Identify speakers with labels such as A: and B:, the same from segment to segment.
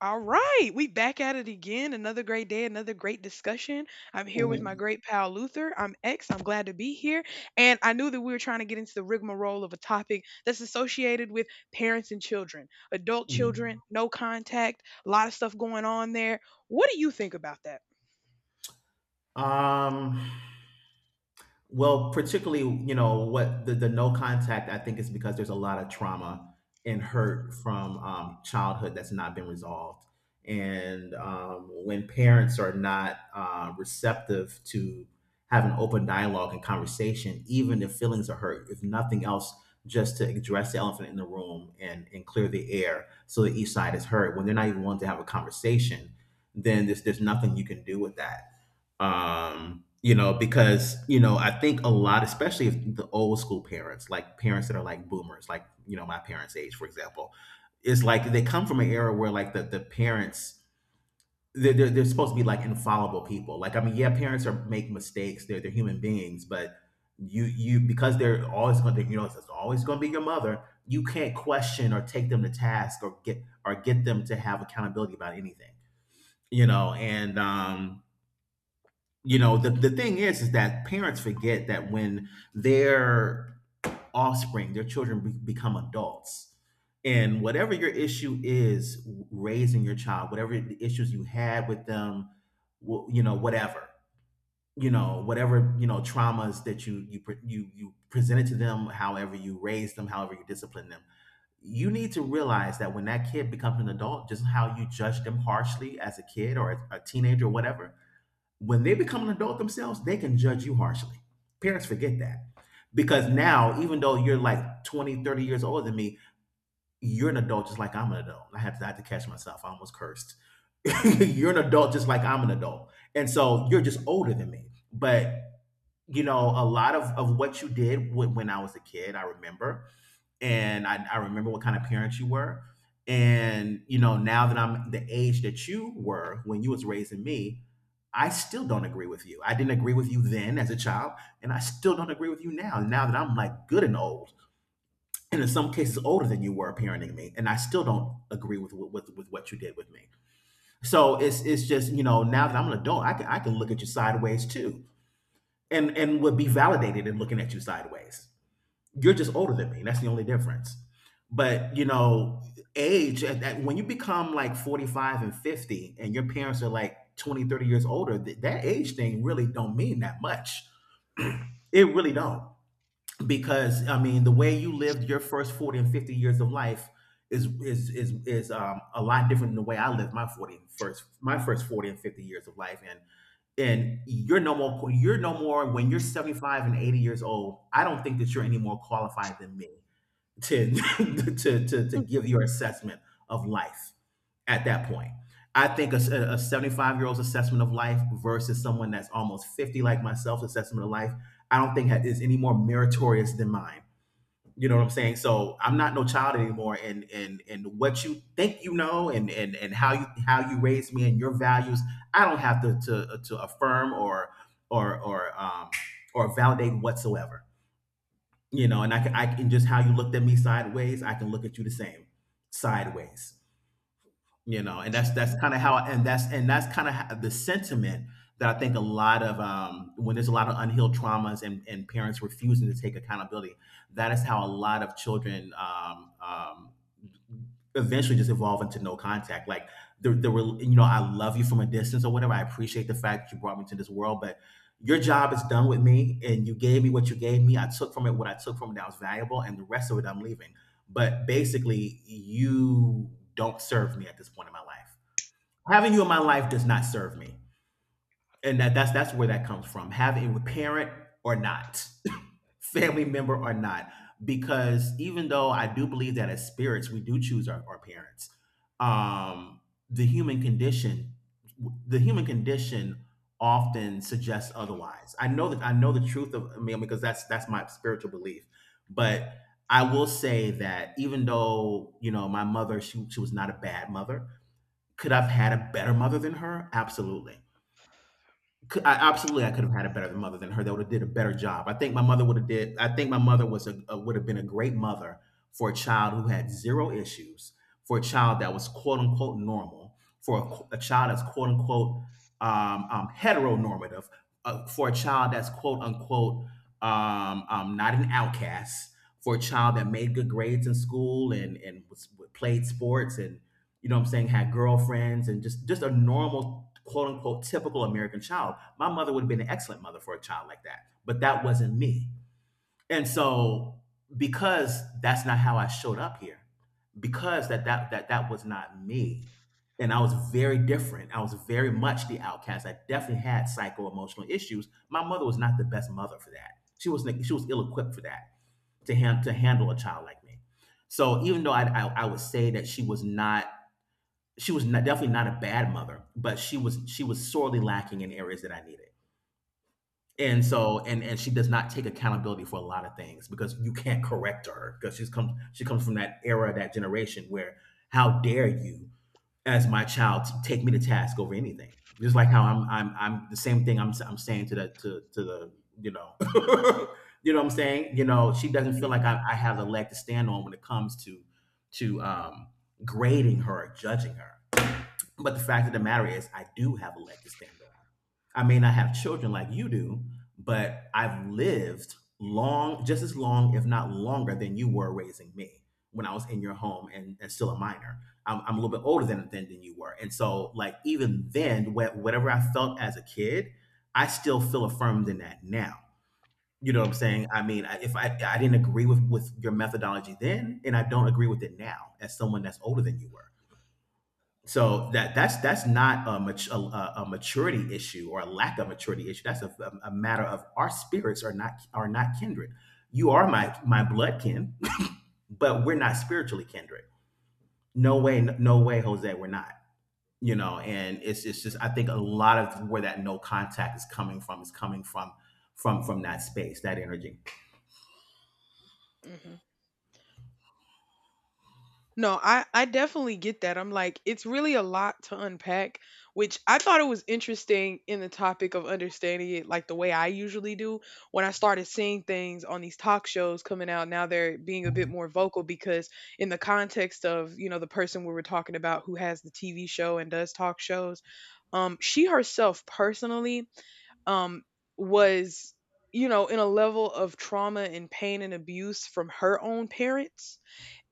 A: All right, we back at it again. Another great day, another great discussion. I'm here with my
B: Mhm,
A: great pal Luther. I'm X. I'm glad to be here. And I knew that we were trying to get into the rigmarole of a topic that's associated with parents and children, adult
B: mhm.
A: children, no contact, a lot of stuff going on there. What do you think about that?
B: Um, well, particularly, you know, what the no contact, I think, is because there's a lot of trauma and hurt from childhood that's not been resolved. And when parents are not receptive to having open dialogue and conversation, even if feelings are hurt, if nothing else, just to address the elephant in the room and clear the air so that each side is heard, when they're not even willing to have a conversation, then there's nothing you can do with that. Because I think a lot, especially if the old school parents, like parents that are like boomers, like my parents' age, for example, is like, they come from an era where, like, the parents, they're supposed to be like infallible people. Like, I mean, yeah, parents are, make mistakes, they're human beings, but you because they're always going to, it's always going to be your mother, you can't question or take them to task or get them to have accountability about anything. You know and you know The thing is that parents forget that when their offspring, their children become adults, and whatever your issue is raising your child, whatever the issues you had with them, wh- you know whatever you know whatever you know traumas that you presented to them, however you raised them, however you disciplined them, you need to realize that when that kid becomes an adult, just how you judge them harshly as a kid or a teenager or whatever, when they become an adult themselves, they can judge you harshly. Parents forget that. Because now, even though you're like 20, 30 years older than me, you're an adult just like I'm an adult. I had to catch myself. I almost cursed. You're an adult just like I'm an adult. And so you're just older than me. But, you know, a lot of what you did when, I was a kid, I remember, and I remember what kind of parents you were. And now that I'm the age that you were when you was raising me, I still don't agree with you. I didn't agree with you then as a child, and I still don't agree with you now. Now that I'm like good and old, and in some cases older than you were parenting me, and I still don't agree with what you did with me. So it's just, now that I'm an adult, I can look at you sideways too, and would be validated in looking at you sideways. You're just
A: Mm-hmm,
B: older than me. That's the only difference. But age, when you become like 45 and 50 and your parents are like 20, 30 years older, that age thing really don't mean that much. It really don't. Because I mean, the way you lived your first 40 and 50 years of life is a lot different than the way I lived my 40 and first, my first 40 and 50 years of life, and you're no more, when you're 75 and 80 years old. I don't think that you're any more qualified than me to to give your assessment of life at that point. I think a 75-year old's assessment of life versus someone that's almost 50, like myself's assessment of life, I don't think is any more meritorious than mine. You know what I'm saying? So I'm not no child anymore, and and what you think you know, and and how you raised me and your values, I don't have to affirm or or or um or validate whatsoever. And I can just, how you looked at me sideways, I can look at you the same sideways. And that's
A: mm-hmm,
B: that's kind of how, and that's kind of the sentiment that I think a lot of, when there's a lot of unhealed traumas, and parents refusing to take accountability, that is how a lot of children eventually just evolve into no contact. Like, the rel- you know I love you from a distance, or whatever. I appreciate the fact that you brought me to this world, but your job is done with me, and you gave me what you gave me. I took from it what I took from it that was valuable, and the rest of it I'm leaving. But basically, you don't serve me at this point in my life. Having you in my life does not serve me, and that's where that comes from, having a parent or not, family member or not, because even though I do believe that as spirits we do choose our parents, um the human condition, the human condition often suggests otherwise. I know that, I know the truth of. I mean, because that's my spiritual belief. But I will say that, even though my mother, she was not a bad mother. Could I've had a better mother than her? Absolutely. I could have had a better mother than her that would have did a better job. I think my mother would have did. I think my mother was a would have been a great mother for a child who had zero issues, for a child that was quote unquote normal, for a child that's quote unquote heteronormative, for a child that's quote unquote not an outcast, for a child that made good grades in school and played sports, you know what I'm saying, had girlfriends, and just a normal, quote unquote, typical American child. My mother would have been an excellent mother for a child like that, but that wasn't me. And so, because that's not how I showed up here, because that was not me. And I was very different. I was very much the outcast. I definitely had psycho emotional issues. My mother was not the best mother for that. She was ill equipped for that, to handle a child like me. So even though I would say that she was not, definitely not a bad mother, but she was sorely lacking in areas that I needed. And
A: mm-hmm,
B: so, and she does not take accountability for a lot of things, because you can't correct her, because she comes from that era, that generation where, how dare you, as my child, take me to task over anything? Just like how I'm the same thing I'm saying to the you know you know what I'm saying, she doesn't feel like I have a leg to stand on when it comes to grading her, or judging her. But the fact of the matter is, I do have a leg to stand on. I may not have children like you do, but I've lived long, just as long, if not longer, than you were raising me when I was in your home, and still a minor. I'm a little bit older than you were, and so, like, even then, whatever I felt as a kid, I still feel affirmed in that now. You know what I'm saying? I mean, I-
A: mm-hmm.
B: if I I didn't agree with your methodology then, and I don't agree with it now as someone that's older than you were. So that's not a maturity issue, or a lack of maturity issue. That's a matter of our spirits are not kindred. You are my blood kin, but we're not spiritually kindred. No way, no way, Jose, we're not. You know, and it's just, I think a lot of where that no contact is coming from is coming from that space, that energy.
A: Mhm. No, I definitely get that. I'm like, it's really a lot to unpack, which I thought it was interesting in the topic of understanding it like the way I usually do. When I started seeing things on these talk shows coming out, now they're being a bit more vocal because in the context of, you know, the person we were talking about who has the TV show and does talk shows, she herself personally um was, you know, in a level of trauma and pain and abuse from her own parents,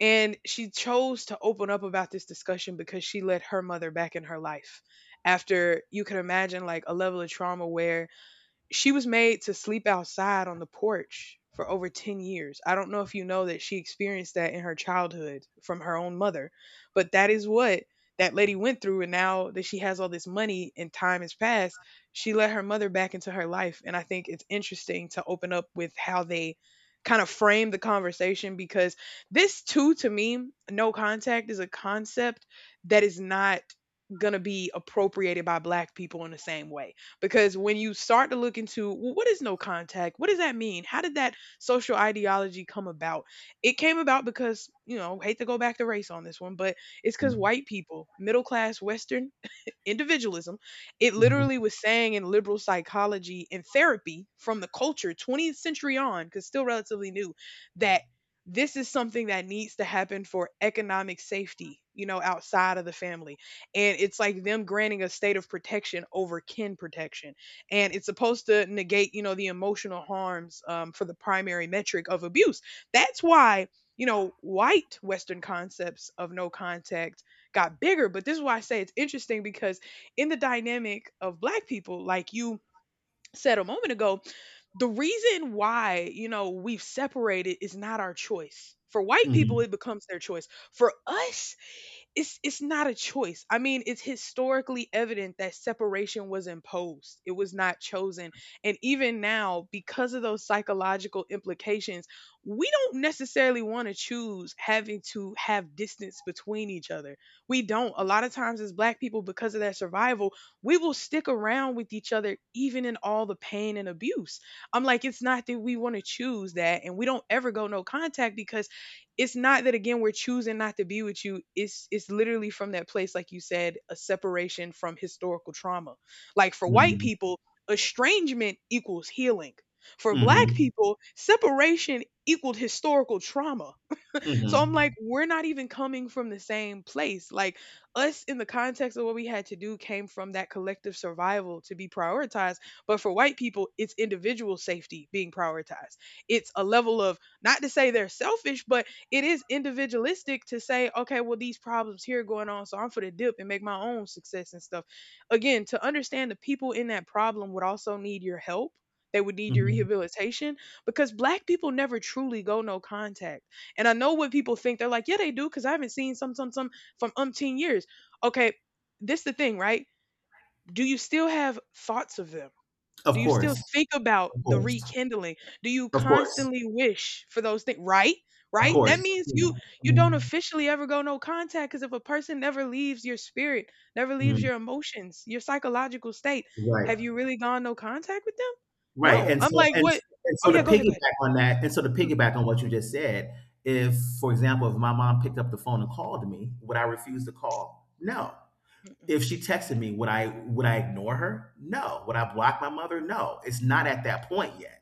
A: and she chose to open up about this discussion because she let her mother back in her life after you can imagine like a level of trauma where she was made to sleep outside on the porch for over 10 years. I don't know if you know that she experienced that in her childhood from her own mother, but that is what that lady went through. And now that she has all this money and time has passed, she let her mother back into her life. And I think it's interesting to open up with how they kind of frame the conversation because this, too, to me, no contact is a concept that is not going to be appropriated by black people in the same way, because when you start to look into, well, what is no contact, what does that mean, how did that social ideology come about? It came about because, you know, hate to go back to race on this one, but it's because
B: Mhm.
A: white people, middle class western individualism. It
B: Mhm.
A: literally was saying in liberal psychology and therapy from the culture 20th century on, because still relatively new, that this is something that needs to happen for economic safety, you know, outside of the family. And it's like them granting a state of protection over kin protection. And it's supposed to negate, you know, the emotional harms for the primary metric of abuse. That's why, you know, white Western concepts of no contact got bigger. But this is why I say it's interesting because in the dynamic of black people, like you said a moment ago, the reason why, you know, we've separated is not our choice. For white people,
B: Mhm.
A: it becomes their choice. For us, it's not a choice. I mean, it's historically evident that separation was imposed. It was not chosen. And even now, because of those psychological implications, we don't necessarily want to choose having to have distance between each other. We don't. A lot of times as black people because of that survival, we will stick around with each other even in all the pain and abuse. I'm like, it's not that we want to choose that, and we don't ever go no contact, because it's not that again we're choosing not to be with you. It's literally from that place like you said, a separation from historical trauma. Like, for white
B: Mhm.
A: people estrangement equals healing, for black
B: Mhm.
A: people separation equaled historical trauma. So I'm like,
B: Mhm.
A: we're not even coming from the same place. Like us in the context of what we had to do came from that collective survival to be prioritized. But for white people, it's individual safety being prioritized. It's a level of, not to say they're selfish, but it is individualistic to say, okay, well, these problems here are going on, so I'm for the dip and make my own success and stuff. Again, to understand the people in that problem would also need your help. They would need your
B: Mhm.
A: rehabilitation because black people never truly go no contact. And I know what people think. They're like, yeah, they do, because I haven't seen some from umpteen years. Okay, this the thing, right? Do you still have thoughts of them? Do
B: Of
A: you still
B: course,
A: think about
B: of
A: the
B: course,
A: rekindling? Do you
B: of course,
A: constantly wish for those things? Right?
B: of
A: Right? That
B: course.
A: means
B: Mm,
A: you you don't
B: mm,
A: officially ever go no contact because if a person never leaves your spirit, never leaves
B: mm.
A: your emotions, your psychological state,
B: Right,
A: have you really gone no contact with them?
B: right.
A: No.
B: And
A: I'm
B: so,
A: like, what?
B: and
A: Oh
B: so to
A: yeah, go ahead, go ahead.
B: piggyback on that, and so to
A: Mhm,
B: piggyback on what you just said, if, for example, if my mom picked up the phone and called me, would I refuse the call? No. If she texted me, would I ignore her? No. Would I block my mother? No. It's not at that point yet.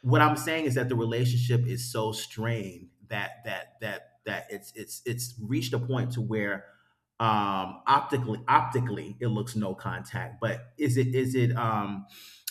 B: What I'm saying is that the relationship is so strained that it's reached a point to where optically it looks no contact, but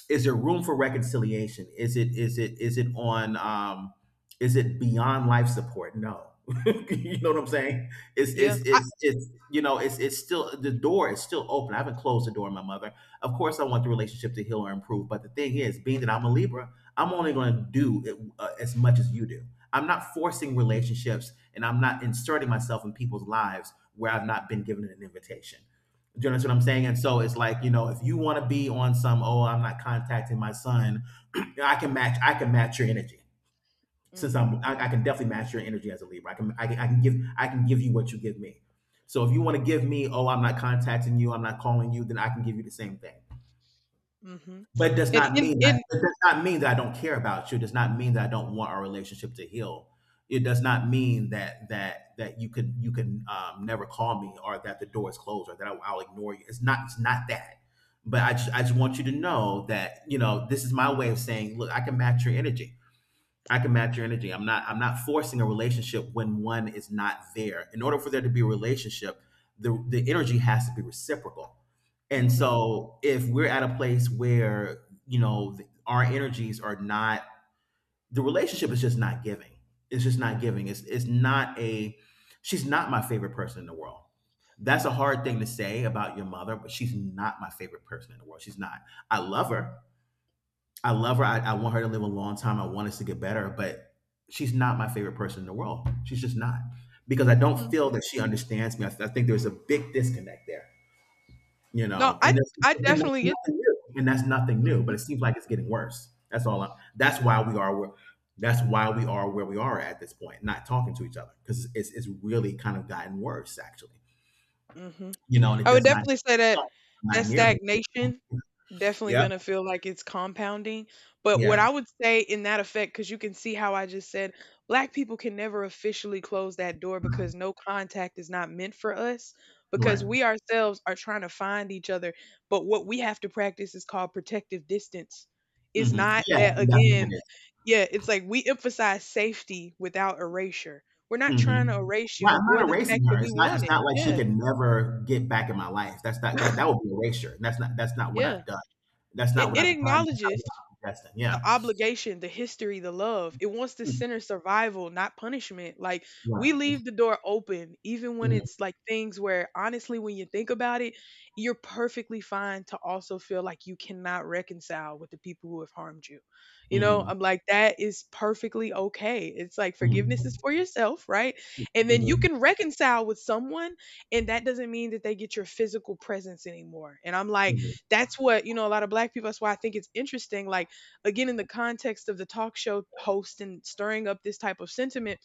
B: is there room for reconciliation? Is it beyond life support? No. You know what I'm
A: mhm.
B: saying? it's it's
A: Yeah. I,
B: it's it's you know it's still the door is still open. I haven't closed the door on my mother. Of course, I want the relationship to heal or improve, but the thing is, being that I'm a Libra, I'm only going to do it, as much as you do. I'm not forcing relationships, and I'm not inserting myself in people's lives where I've not been given an invitation. Do you understand what I'm saying? And so it's like, you know, if you want to be on some, oh, I'm not contacting my son, I can match your energy. Since
A: Mhm.
B: I'm I, I can definitely match your energy as a Libra. I can give you what you give me. So if you want to give me, oh, I'm not contacting you, I'm not calling you, then I can give you the same thing.
A: Mhm.
B: But it does
A: And
B: not mean that
A: in
B: it does not mean that I don't care about you. It does not mean that I don't want our relationship to heal. It does not mean that you can never call me, or that the door is closed, or that I'll ignore you. It's not that. But I just want you to know that this is my way of saying, look, I can match your energy I can match your energy I'm not forcing a relationship when one is not there. In order for there to be a relationship, the energy has to be reciprocal. And
A: Mhm,
B: so if we're at a place where, our energies are not, the relationship is just not giving. It's just not giving. It's not a. She's not my favorite person in the world. That's a hard thing to say about your mother, but she's not my favorite person in the world. She's not. I love her, I love her. I want her to live a long time. I want us to get better, but she's not my favorite person in the world. She's just not, because I don't feel
A: mhm.
B: that she understands me. I think there's a big disconnect there, you
A: No,
B: know,
A: I
B: and that's,
A: I
B: and
A: definitely
B: that's
A: get
B: nothing
A: that.
B: new. And that's nothing new,
A: Mhm,
B: but it seems like it's getting worse. That's all. That's why we are. That's why we are where we are at this point, not talking to each other because it's really kind of gotten worse, actually.
A: mhm.
B: You know, and it
A: I would
B: does not.
A: definitely say that
B: Not
A: that
B: near her.
A: stagnation definitely
B: Yeah.
A: gonna feel like it's compounding, but what
B: Yeah.
A: I would say in that effect, because you can see how I just said, black people can never officially close that door because no contact is not meant for us, because
B: Right.
A: we ourselves are trying to find each other, but what we have to practice is called protective distance. It's
B: Hmm.
A: not
B: Yeah.
A: that
B: That's what
A: again
B: that is.
A: Yeah, it's like we emphasize safety without erasure. We're not trying to
B: Mhm.
A: erase
B: Well,
A: you
B: I'm not
A: or the fact
B: erasing her.
A: that we
B: It's not
A: want
B: it's
A: it.
B: not like she
A: Yeah,
B: could never get back in my life. That's not. That would be erasure, and that's not what
A: yeah.
B: I've done. That's
A: It,
B: not what
A: it
B: I've done. That's not
A: acknowledges
B: what I'm suggesting.
A: the
B: Yeah.
A: obligation, the history, the love. It wants to
B: Mm.
A: center survival, not punishment. Like, we
B: Right.
A: leave the door open, even when
B: Mm,
A: it's like things where honestly, when you think about it, you're perfectly fine to also feel like you cannot reconcile with the people who have harmed you. You know,
B: mhm,
A: I'm like, that is perfectly okay. It's like forgiveness is
B: mhm,
A: for yourself, right? And then you
B: mhm,
A: can reconcile with someone, and that doesn't mean that they get your physical presence anymore. And I'm like, that's what, you know, a lot of black people, that's why I think it's interesting. Like, again in the context of the talk show host and stirring up this type of sentiment,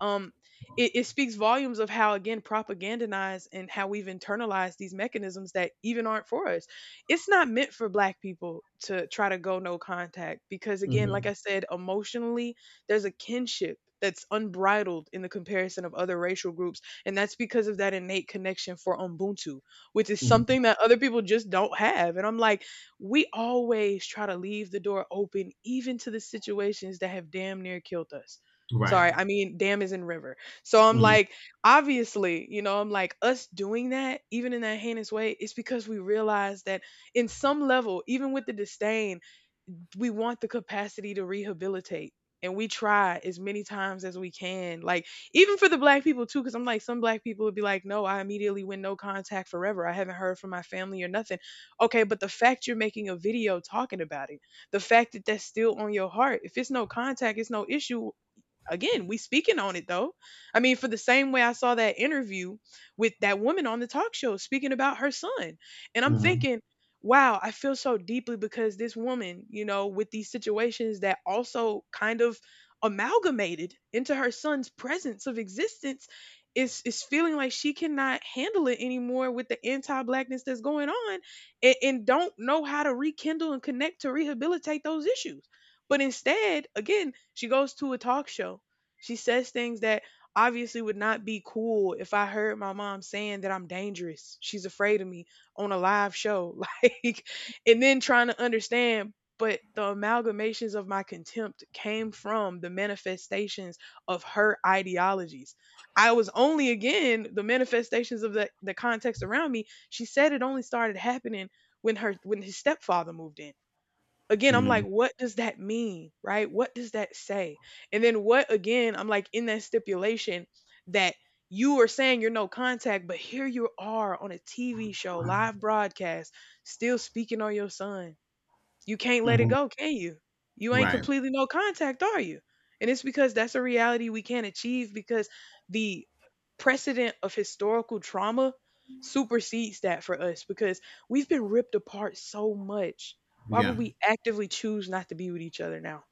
A: um it, it speaks volumes of how again propagandized and how we've internalized these mechanisms that even aren't for us. It's not meant for black people to try to go no contact because
B: mhm,
A: again like I
B: mhm,
A: said, emotionally, there's a kinship that's unbridled in the comparison of other racial groups, and that's because of that innate connection for ubuntu, which is
B: mm.
A: something that other people just don't have. And I'm like, we always try to leave the door open even to the situations that have damn near killed us.
B: Right.
A: Sorry, I mean damn is in river. So I'm
B: Mhm,
A: like, obviously, you know, I'm like us doing that, even in that heinous way, it's because we realize that in some level, even with the disdain, we want the capacity to rehabilitate, and we try as many times as we can. Like, even for the black people too, because I'm like, some black people would be like, no, I immediately went no contact forever, I haven't heard from my family or nothing. Okay, but the fact you're making a video talking about it, the fact that that's still on your heart, if it's no contact it's no issue. Again, we speaking on it though. I mean, for the same way I saw that interview with that woman on the talk show speaking about her son. And I'm
B: mhm,
A: thinking, wow, I feel so deeply because this woman, you know, with these situations that also kind of amalgamated into her son's presence of existence, is feeling like she cannot handle it anymore with the anti-blackness that's going on, and don't know how to rekindle and connect to rehabilitate those issues, but instead, again, she goes to a talk show. She says things that obviously would not be cool if I heard my mom saying that I'm dangerous. She's afraid of me on a live show. Like, and then trying to understand. But the amalgamations of my contempt came from the manifestations of her ideologies. I was only, again, the manifestations of the context around me. She said it only started happening when her when his stepfather moved in. Again, I'm like,
B: mhm,
A: what does that mean? Right? What does that say? And then what again, I'm like in that stipulation that you are saying you're no contact, but here you are on a TV show, live broadcast, still speaking on your son. You can't let it
B: mhm.
A: go, can you? You ain't
B: Right.
A: completely no contact, are you? And it's because that's a reality we can't achieve because the precedent of historical trauma supersedes that for us because we've been ripped apart so much. Why would
B: Yeah.
A: we actively choose not to be with each other now?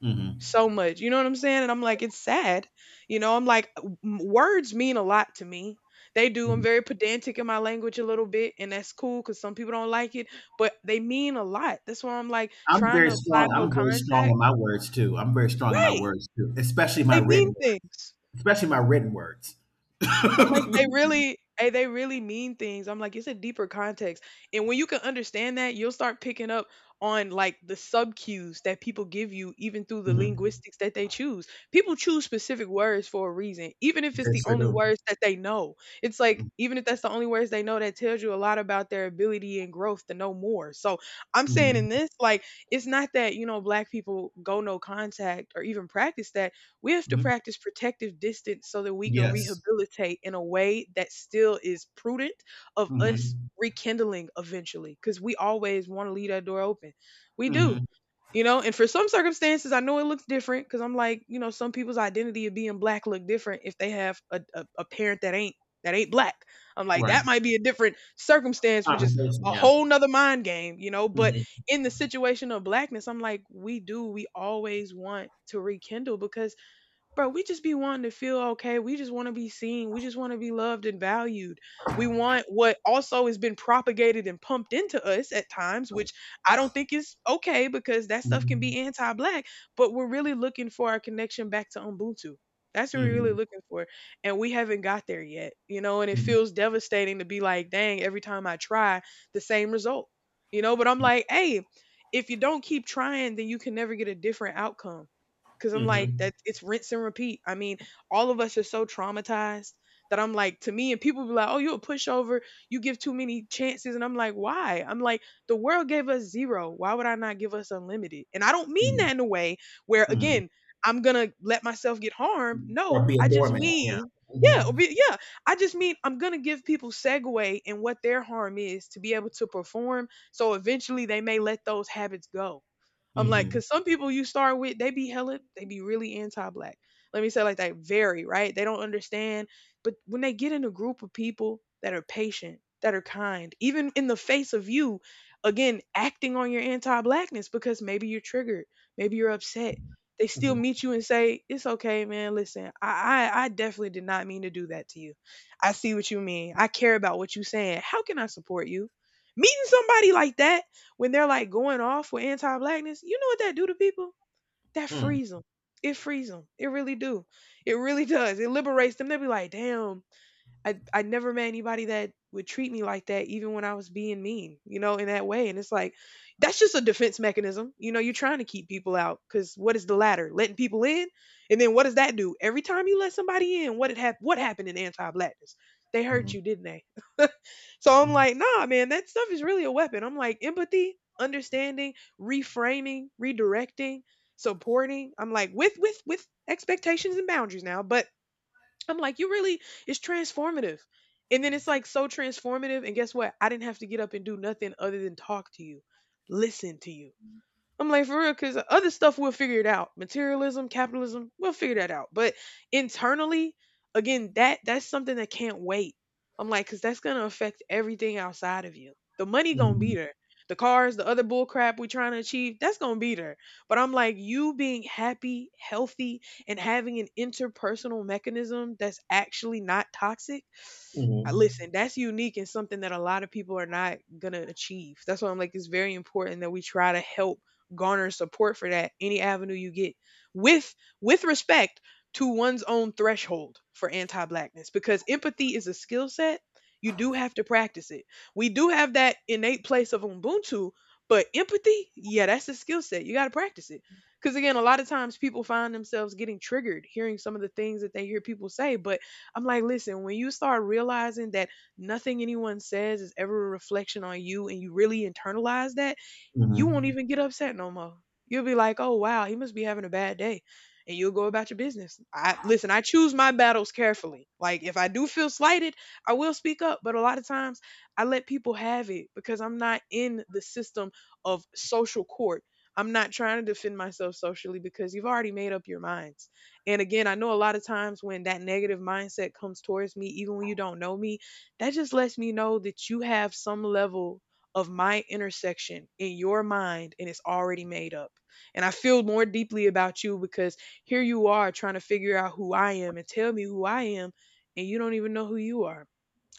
B: Mhm,
A: So much. You know what I'm saying? And I'm like, it's sad. You know, I'm like, w- m- words mean a lot to me. They do. I'm
B: mhm.
A: very pedantic in my language a little bit, and that's cool because some people don't like it, but they mean a lot. That's why I'm like
B: I'm
A: trying
B: very
A: to apply
B: strong.
A: no
B: I'm very strong
A: contact.
B: in my words too. I'm very strong in my
A: Right.
B: words too, especially my
A: They
B: written
A: mean
B: words.
A: things.
B: Especially my written words.
A: I'm like, they really they really mean things. I'm like, it's a deeper context. And when you can understand that, you'll start picking up on like the sub cues that people give you, even through the
B: Mhm.
A: linguistics that they choose. People choose specific words for a reason, even if it's
B: They
A: the
B: sure
A: only
B: do.
A: words that they know. It's like, even if that's the only words they know, that tells you a lot about their ability and growth to know more. So I'm saying in
B: Mhm.
A: this, like, it's not that, you know, black people go no contact or even practice that. We have to
B: Mhm.
A: practice protective distance so that we can
B: Yes.
A: rehabilitate in a way that still is prudent of us
B: Mhm.
A: rekindling eventually because we always want to leave that door open. We do,
B: Mhm.
A: you know, and for some circumstances I know it looks different, because I'm like, you know, some people's identity of being black look different if they have a parent that ain't black. I'm like,
B: Right.
A: that might be a different circumstance, which is
B: Conversation,
A: a
B: yeah.
A: whole nother mind game, you know. But
B: Mhm.
A: in the situation of blackness, I'm like, we do, we always want to rekindle because bro, we just be wanting to feel okay. We just want to be seen. We just want to be loved and valued. We want what also has been propagated and pumped into us at times, which I don't think is okay because that stuff can
B: Mhm.
A: be anti black, but we're really looking for our connection back to Ubuntu. That's what we're really
B: Mhm.
A: looking for. And we haven't got there yet, you know, and it feels devastating to be like, dang, every time I try, the same result, you know, but I'm like, hey, if you don't keep trying, then you can never get a different outcome. Cause I'm
B: Mhm.
A: like
B: Mhm.
A: that, it's rinse and repeat. I mean, all of us are so traumatized that I'm like, to me and people be like, "Oh, you a pushover. You give too many chances." And I'm like, "Why?" I'm like, "The world gave us zero. Why would I not give us unlimited?" And I don't mean that
B: Mhm.
A: in a way where
B: Mhm.
A: again, I'm going to let myself get harmed.
B: Or
A: No,
B: be a
A: I just
B: doormat, yeah.
A: mean yeah,
B: Mhm.
A: yeah. I just mean I'm gonna give people segue in what their harm is to be able to perform. So eventually, they may let those habits go. I'm like,
B: Mhm.
A: cause some people you start with, they be really anti-black. Let me say it like that, very right. They don't understand, but when they get in a group of people that are patient, that are kind, even in the face of you, again acting on your anti-blackness because maybe you're triggered, maybe you're upset. They still
B: Mhm.
A: meet you and say, "It's okay, man. Listen, I definitely did not mean to do that to you. I see what you mean. I care about what you're saying. How can I support you?" Meeting somebody like that when they're like going off with anti-blackness, you know what that do to people? That
B: Mm.
A: frees them. It frees them. It really do. It really does. It liberates them. They be like, damn, I never met anybody that would treat me like that, even when I was being mean, you know, in that way. And it's like, that's just a defense mechanism. You know, you're trying to keep people out because what is the latter? Letting people in, and then what does that do? Every time you let somebody in, what happened in anti-blackness? They hurt
B: Mhm.
A: you, didn't they? So I'm like, nah, man, that stuff is really a weapon. I'm like, empathy, understanding, reframing, redirecting, supporting. I'm like, with expectations and boundaries now, but I'm like, you really, it's transformative. And then it's like so transformative. And guess what? I didn't have to get up and do nothing other than talk to you, listen to you. I'm like, for real, because other stuff we'll figure it out. Materialism, capitalism, we'll figure that out. But internally, again, that's something that can't wait. I'm like, because that's gonna affect everything outside of you. The money gonna be
B: Mhm.
A: there. The cars, the other bull crap we trying to achieve, that's gonna be there. But I'm like, you being happy, healthy, and having an interpersonal mechanism that's actually not toxic, I-
B: Mhm.
A: listen, that's unique and something that a lot of people are not gonna achieve. That's why I'm like, it's very important that we try to help garner support for that any avenue you get with respect to one's own threshold for anti-blackness because empathy is a skill set, you do have to practice it. We do have that innate place of Ubuntu, but empathy, yeah, that's a skill set, you got to practice it. Because again, a lot of times people find themselves getting triggered hearing some of the things that they hear people say. But I'm like, listen, when you start realizing that nothing anyone says is ever a reflection on you and you really internalize that, you won't even get upset no more. You'll be like, oh, wow, he must be having a bad day. And you'll go about your business. I listen, I choose my battles carefully. Like if I do feel slighted, I will speak up. But a lot of times I let people have it because I'm not in the system of social court. I'm not trying to defend myself socially because you've already made up your minds. And again, I know a lot of times when that negative mindset comes towards me, even when you don't know me, that just lets me know that you have some level of my intersection in your mind and it's already made up. And I feel more deeply about you because here you are trying to figure out who I am and tell me who I am, and you don't even know who you are.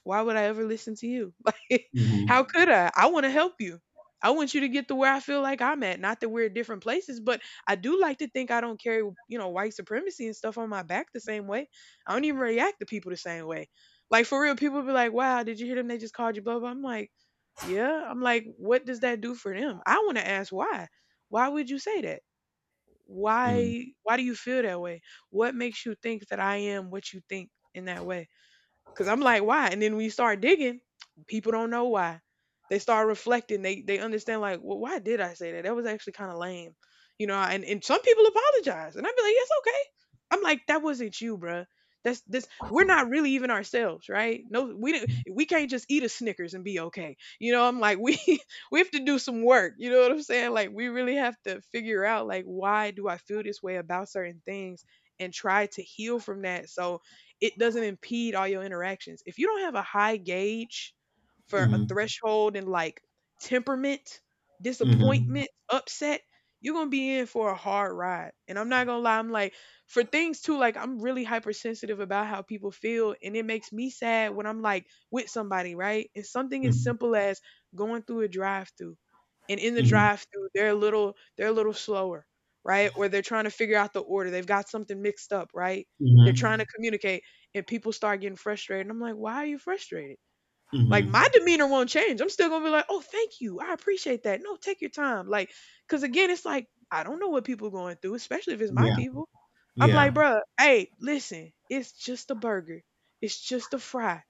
A: Why would I ever listen to you? Like,
B: Mhm.
A: how could I? I want to help you. I want you to get to where I feel like I'm at. Not that we're at different places, but I do like to think I don't carry, you know, white supremacy and stuff on my back the same way. I don't even react to people the same way. Like for real, people be like, "Wow, did you hear them? They just called you blah blah." I'm like, "Yeah." I'm like, "What does that do for them?" I want to ask why. Why would you say that?
B: Mhm.
A: Why? Why do you feel that way? What makes you think that I am what you think in that way? Cause I'm like, why? And then when you start digging, people don't know why. They start reflecting. They understand like, well, why did I say that? That was actually kind of lame, you know. And some people apologize, and I'd be like, it's okay. I'm like, that wasn't you, bruh. That's this. We're not really even ourselves, right? No, we didn't. We can't just eat a Snickers and be okay. You know, I'm like, we we have to do some work. You know what I'm saying? Like, we really have to figure out like, why do I feel this way about certain things, and try to heal from that. So it doesn't impede all your interactions. If you don't have a high gauge for a threshold and like temperament,
B: Mhm.
A: disappointment,
B: Mhm.
A: upset, you're gonna be in for a hard ride. And I'm not gonna lie, I'm like for things too, like I'm really hypersensitive about how people feel, and it makes me sad when I'm like with somebody, right? And something as
B: Mhm.
A: simple as going through a drive-through, and in the
B: Mhm.
A: drive-through, they're a little slower, right? Or they're trying to figure out the order, they've got something mixed up, right?
B: Mhm.
A: They're trying to
B: Mhm.
A: communicate and people start getting frustrated. And I'm like, why are you frustrated? Like my
B: Mhm.
A: demeanor won't change. I'm still gonna be like, oh, thank you, I appreciate that. No, take your time. Like, cause again, it's like I don't know what people are going through, especially if it's my
B: Yeah.
A: people. I'm like,
B: Yeah.
A: bruh, hey, listen, it's just a burger, it's just a fry.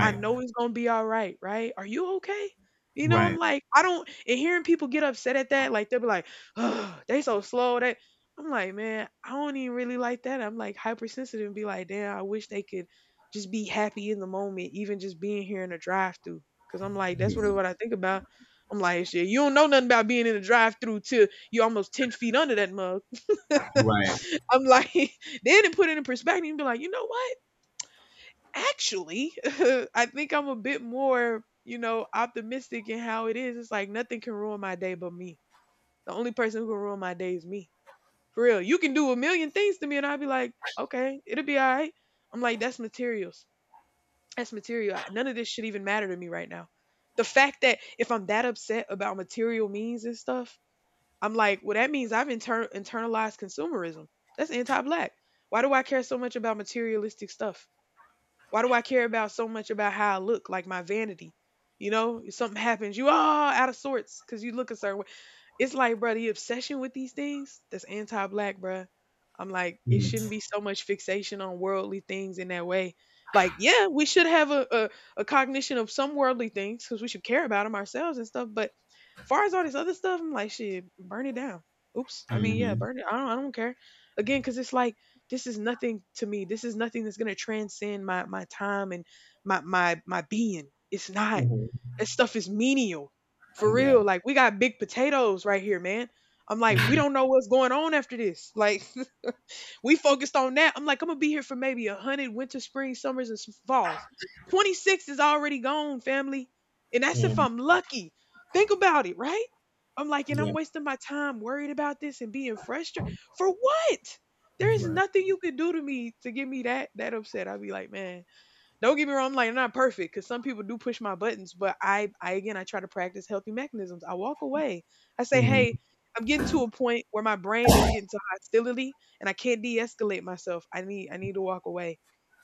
A: I know it's gonna be all right, right? Are you okay? You know, I'm
B: Right.
A: like, I don't, and hearing people get upset at that, like they'll be like, oh, they so slow. That, I'm like, man, I don't even really like that. I'm like hypersensitive and be like, damn, I wish they could just be happy in the moment, even just being here in the drive through. Cause I'm like, that's really
B: Yes.
A: what I think about. I'm like, shit, you don't know nothing about being in the drive through till you're almost 10 feet under that mug.
B: Right.
A: I'm like, then it put it in perspective and be like, you know what? Actually, I think I'm a bit more, optimistic in how it is. It's like nothing can ruin my day but me. The only person who can ruin my day is me. For real. You can do a million things to me and I'll be like, okay, it'll be all right. I'm like, that's materials. That's material. None of this should even matter to me right now. The fact that if I'm that upset about material means and stuff, I'm like, well, that means I've internalized consumerism. That's anti black. Why do I care so much about materialistic stuff? Why do I care about so much about how I look, like my vanity? You know, if something happens, you all out of sorts because you look a certain way. It's like, bro, the obsession with these things that's anti-black, bro. I'm like, it
B: Mhm.
A: shouldn't be so much fixation on worldly things in that way. Like, yeah, we should have a cognition of some worldly things because we should care about them ourselves and stuff. But far as all this other stuff, I'm like, shit, burn it down. Oops. I mean, yeah,
B: Mhm.
A: burn it. I don't care. Again, because it's like, this is nothing to me. This is nothing that's going to transcend my time and my being. It's not.
B: Mhm.
A: That stuff is menial. For
B: Yeah.
A: real, like we got big potatoes right here, man. I'm like, we
B: Mhm.
A: don't know what's going on after this. Like, we focused on that. I'm like, I'm gonna be here for maybe a hundred winter, spring, summers, and falls. 26 is already gone, family, and that's if
B: Mhm.
A: I'm lucky. Think about it, right? I'm like, and I'm
B: Yeah.
A: wasting my time worried about this and being frustrated for what? There is
B: Right.
A: nothing you could do to me to get me that upset. I'd be like, man, don't get me wrong, I'm like I'm not perfect because some people do push my buttons, but I again, I try to practice healthy mechanisms. I walk away. I say, hey,
B: Mhm.
A: I'm getting to a point where my brain is getting to hostility and I can't de-escalate myself. I need to walk away.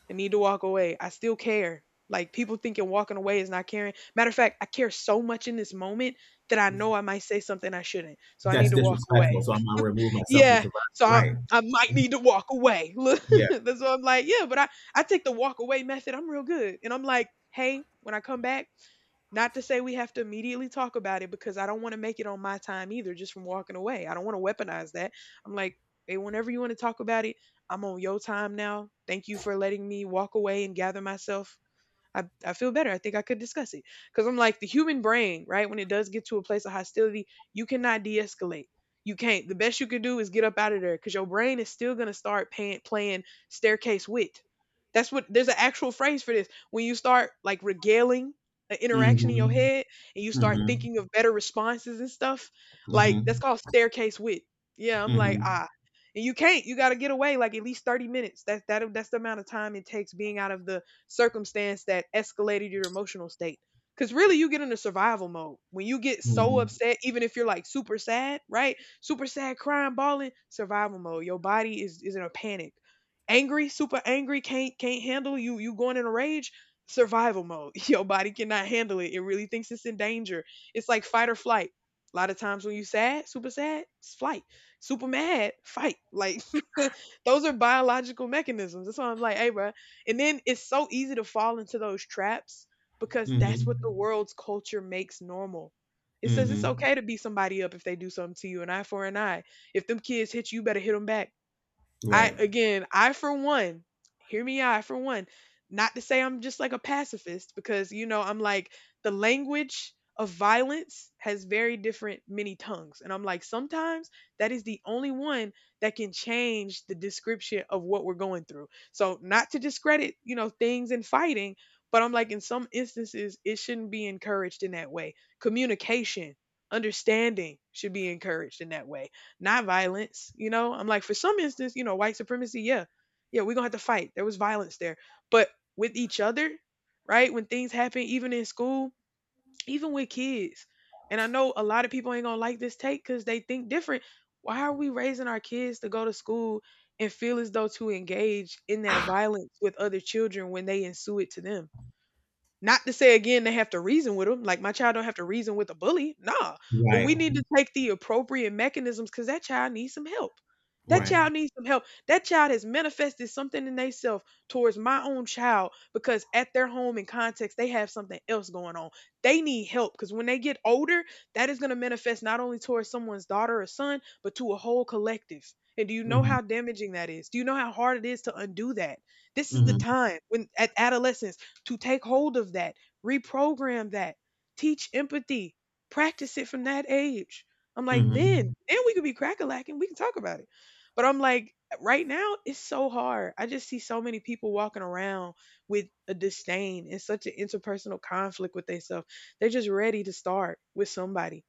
A: I need to walk away. I still care. Like people thinking walking away is not caring. Matter of fact, I care so much in this moment that I know I might say something I shouldn't. So I need
B: That's
A: to walk away.
B: disrespectful, so I'm gonna remove myself from the
A: Yeah,
B: survivor.
A: so I,
B: Right.
A: I might need to walk away. Look,
B: Yeah.
A: that's what I'm like. Yeah, but I take the walk away method. I'm real good, and I'm like, hey, when I come back, not to say we have to immediately talk about it because I don't want to make it on my time either, just from walking away. I don't want to weaponize that. I'm like, hey, whenever you want to talk about it, I'm on your time now. Thank you for letting me walk away and gather myself. I feel better. I think I could discuss it. Because I'm like, the human brain, right? When it does get to a place of hostility, you cannot de escalate. You can't. The best you can do is get up out of there because your brain is still going to start playing staircase wit. That's what there's an actual phrase for this. When you start like regaling an interaction in your
B: Mm.
A: head and you start
B: Mhm.
A: thinking of better responses and stuff, like that's
B: Mm.
A: called staircase wit. Yeah, I'm
B: Mhm.
A: like,
B: Mm.
A: ah, and you can't. You got to get away like at least 30 minutes. That's the amount of time it takes being out of the circumstance that escalated your emotional state. Because really, you get into survival mode when you get so
B: Mhm.
A: upset, even if you're like super sad, right? Super sad, crying, bawling, survival mode. Is in a panic. Angry, super angry, can't handle you. You going in a rage, survival mode. Your body cannot handle it. It really thinks it's in danger. It's like fight or flight. A lot of times when you sad, super sad, it's flight. Super mad, fight. Like those are biological mechanisms. That's why I'm like, hey, bro, and then it's so easy to fall into those traps because
B: Mm.
A: that's what the
B: Mhm.
A: world's culture makes normal. It
B: Mm. Mhm.
A: says
B: Mhm.
A: it's okay to
B: Mhm.
A: beat somebody up if they do something to you, an eye for an eye. If them kids hit you, you better hit them back.
B: Right.
A: I for one, hear me out, I for one, not to say I'm just like a pacifist because you know, I'm like the language of violence has very different many tongues. And I'm like sometimes that is the only one that can change the description of what we're going through. So not to discredit, you know, things and fighting, but I'm like in some instances it shouldn't be encouraged in that way. Communication, understanding should be encouraged in that way not violence. You know, I'm like, for some instance, you know, white supremacy, yeah, yeah, we're gonna have to fight. There was violence there, but with each other, right? When things happen, even in school, even with kids, and I know a lot of people ain't gonna like this take because they think different. Why are we raising our kids to go to school and feel as though to engage in that violence with other children when they ensue it to them? Not to say again they have to reason with them. Like my child don't have to reason with a bully. Nah. But
B: Right.
A: we need to take the appropriate mechanisms because that child needs some help. That
B: Right.
A: child needs some help. That child has manifested something in themselves towards my own child because at their home and context, they have something else going on. They need help because when they get older, that is going to manifest not only towards someone's daughter or son, but to a whole collective. And do you know how
B: Mm.
A: damaging that is? Do you know how hard it is to undo that? This is the
B: Mhm.
A: time when at adolescence to take hold of that, reprogram that, teach empathy, practice it from that age. I'm like,
B: Mm.
A: then we could be crackalacking. We can talk about it. But I'm like, right now, it's so hard. I just see so many people walking around with a disdain and such an interpersonal conflict with themselves. They're just ready to start with somebody.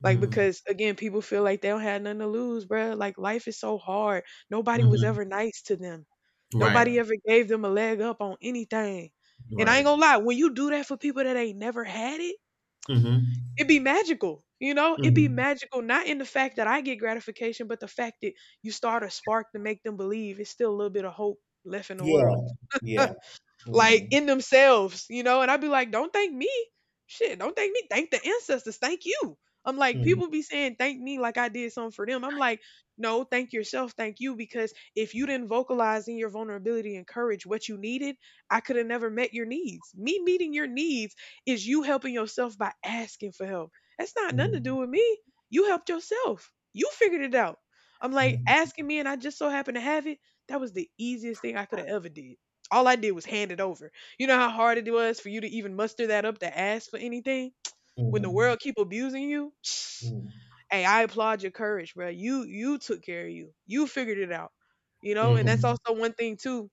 B: Mhm.
A: Like,
B: Mm.
A: because again, people feel like they don't have nothing to lose, bruh. Like, life is so hard.
B: Mhm.
A: Nobody
B: Mhm.
A: was
B: Mhm.
A: ever nice to them.
B: Right.
A: Nobody ever gave them a leg up on anything. And I ain't
B: Right.
A: gonna lie, when you do that for people that ain't never had it,
B: Mm. Mhm.
A: it be magical. You know,
B: Mm.
A: it be
B: Mhm.
A: magical, not in the fact that I get gratification, but the fact that you start a spark to make them believe it's still a little bit of hope left in the
B: Yeah.
A: world
B: Yeah.
A: like
B: Mm.
A: in themselves, you know? And I'd be like, don't thank me. Shit, don't thank me. Thank the ancestors. Thank you. I'm like,
B: Mhm.
A: people be saying thank me like I did something for them. I'm like, no, thank yourself, thank you, because if you didn't vocalize in your vulnerability and courage what you needed, I could have never met your needs. Me meeting your needs is you helping yourself by asking for help. That's not nothing to do
B: Mm.
A: with me. You helped yourself. You figured it out. I'm like
B: Mhm.
A: asking me, and I just so happened to have it. That was the easiest thing I could have ever did. All I did was hand it over. You know how hard it was for you to even muster that up to ask for anything
B: Mm.
A: when the
B: Mhm.
A: world keep abusing you. Psh,
B: Mm. Mhm.
A: hey, I applaud your courage, bro. You took care of you. You figured it out. You
B: Mm.
A: know, and that's
B: Mhm.
A: also one thing too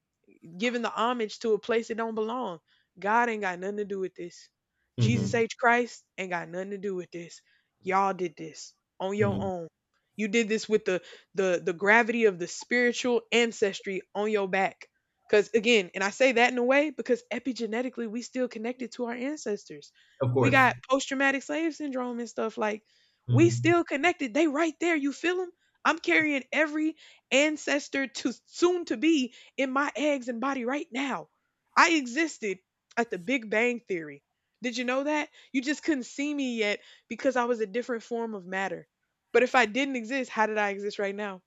A: giving the homage to a place that don't belong. God ain't got nothing to do with this.
B: Mm. Mhm.
A: Jesus
B: Mm.
A: H. Christ ain't got nothing to do with this. Y'all did this on your
B: Mhm.
A: own. You did this with the gravity of the spiritual ancestry on your back. Cause again, and I say that in a way because epigenetically we still connected to our ancestors.
B: Of
A: We
B: course.
A: got post traumatic slave syndrome and stuff like we
B: Mm.
A: still connected. They right there. You feel them? I'm carrying every ancestor to soon to be in my eggs and body right now. I existed at the Big Bang Theory. Did you know that? You just couldn't see me yet because I was a different form of matter. But if I didn't exist, how did I exist right now?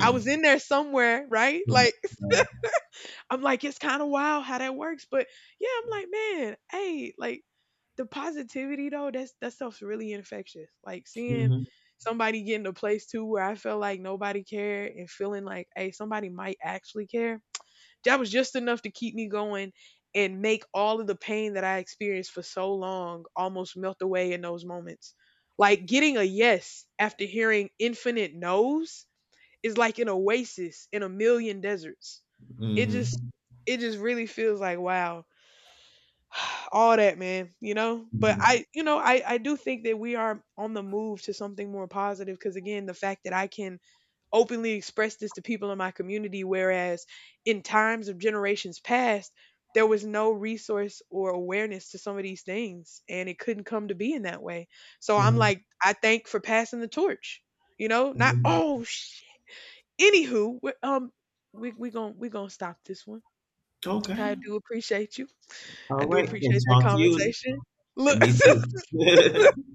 A: I was in there somewhere, right?
B: Mm.
A: Like, I'm like, it's kind of wild how that works. But yeah, I'm like, man, hey, like the positivity though, that's that stuff's really infectious. Like seeing
B: Mhm.
A: somebody get in a place too where I felt like nobody cared and feeling like, hey, somebody might actually care that was just enough to keep me going and make all of the pain that I experienced for so long almost melt away in those moments. Like getting a yes after hearing infinite no's is like an oasis in a million deserts. It
B: Mhm.
A: just it just really feels like wow. All that, man, you know? But
B: Mhm.
A: I do think that we are on the move to something more positive because again, the fact that I can openly express this to people in my community. Whereas in times of generations past, there was no resource or awareness to some of these things, and it couldn't come to be in that way. So I'm
B: Mhm.
A: like, I thank for passing the torch. You know, not
B: Mhm.
A: oh shit. Anywho, we gonna stop this one. I
B: Okay.
A: do appreciate you. I
B: All
A: do
B: right, and
A: appreciate that
B: talk to you.
A: conversation. Look.
B: And me too.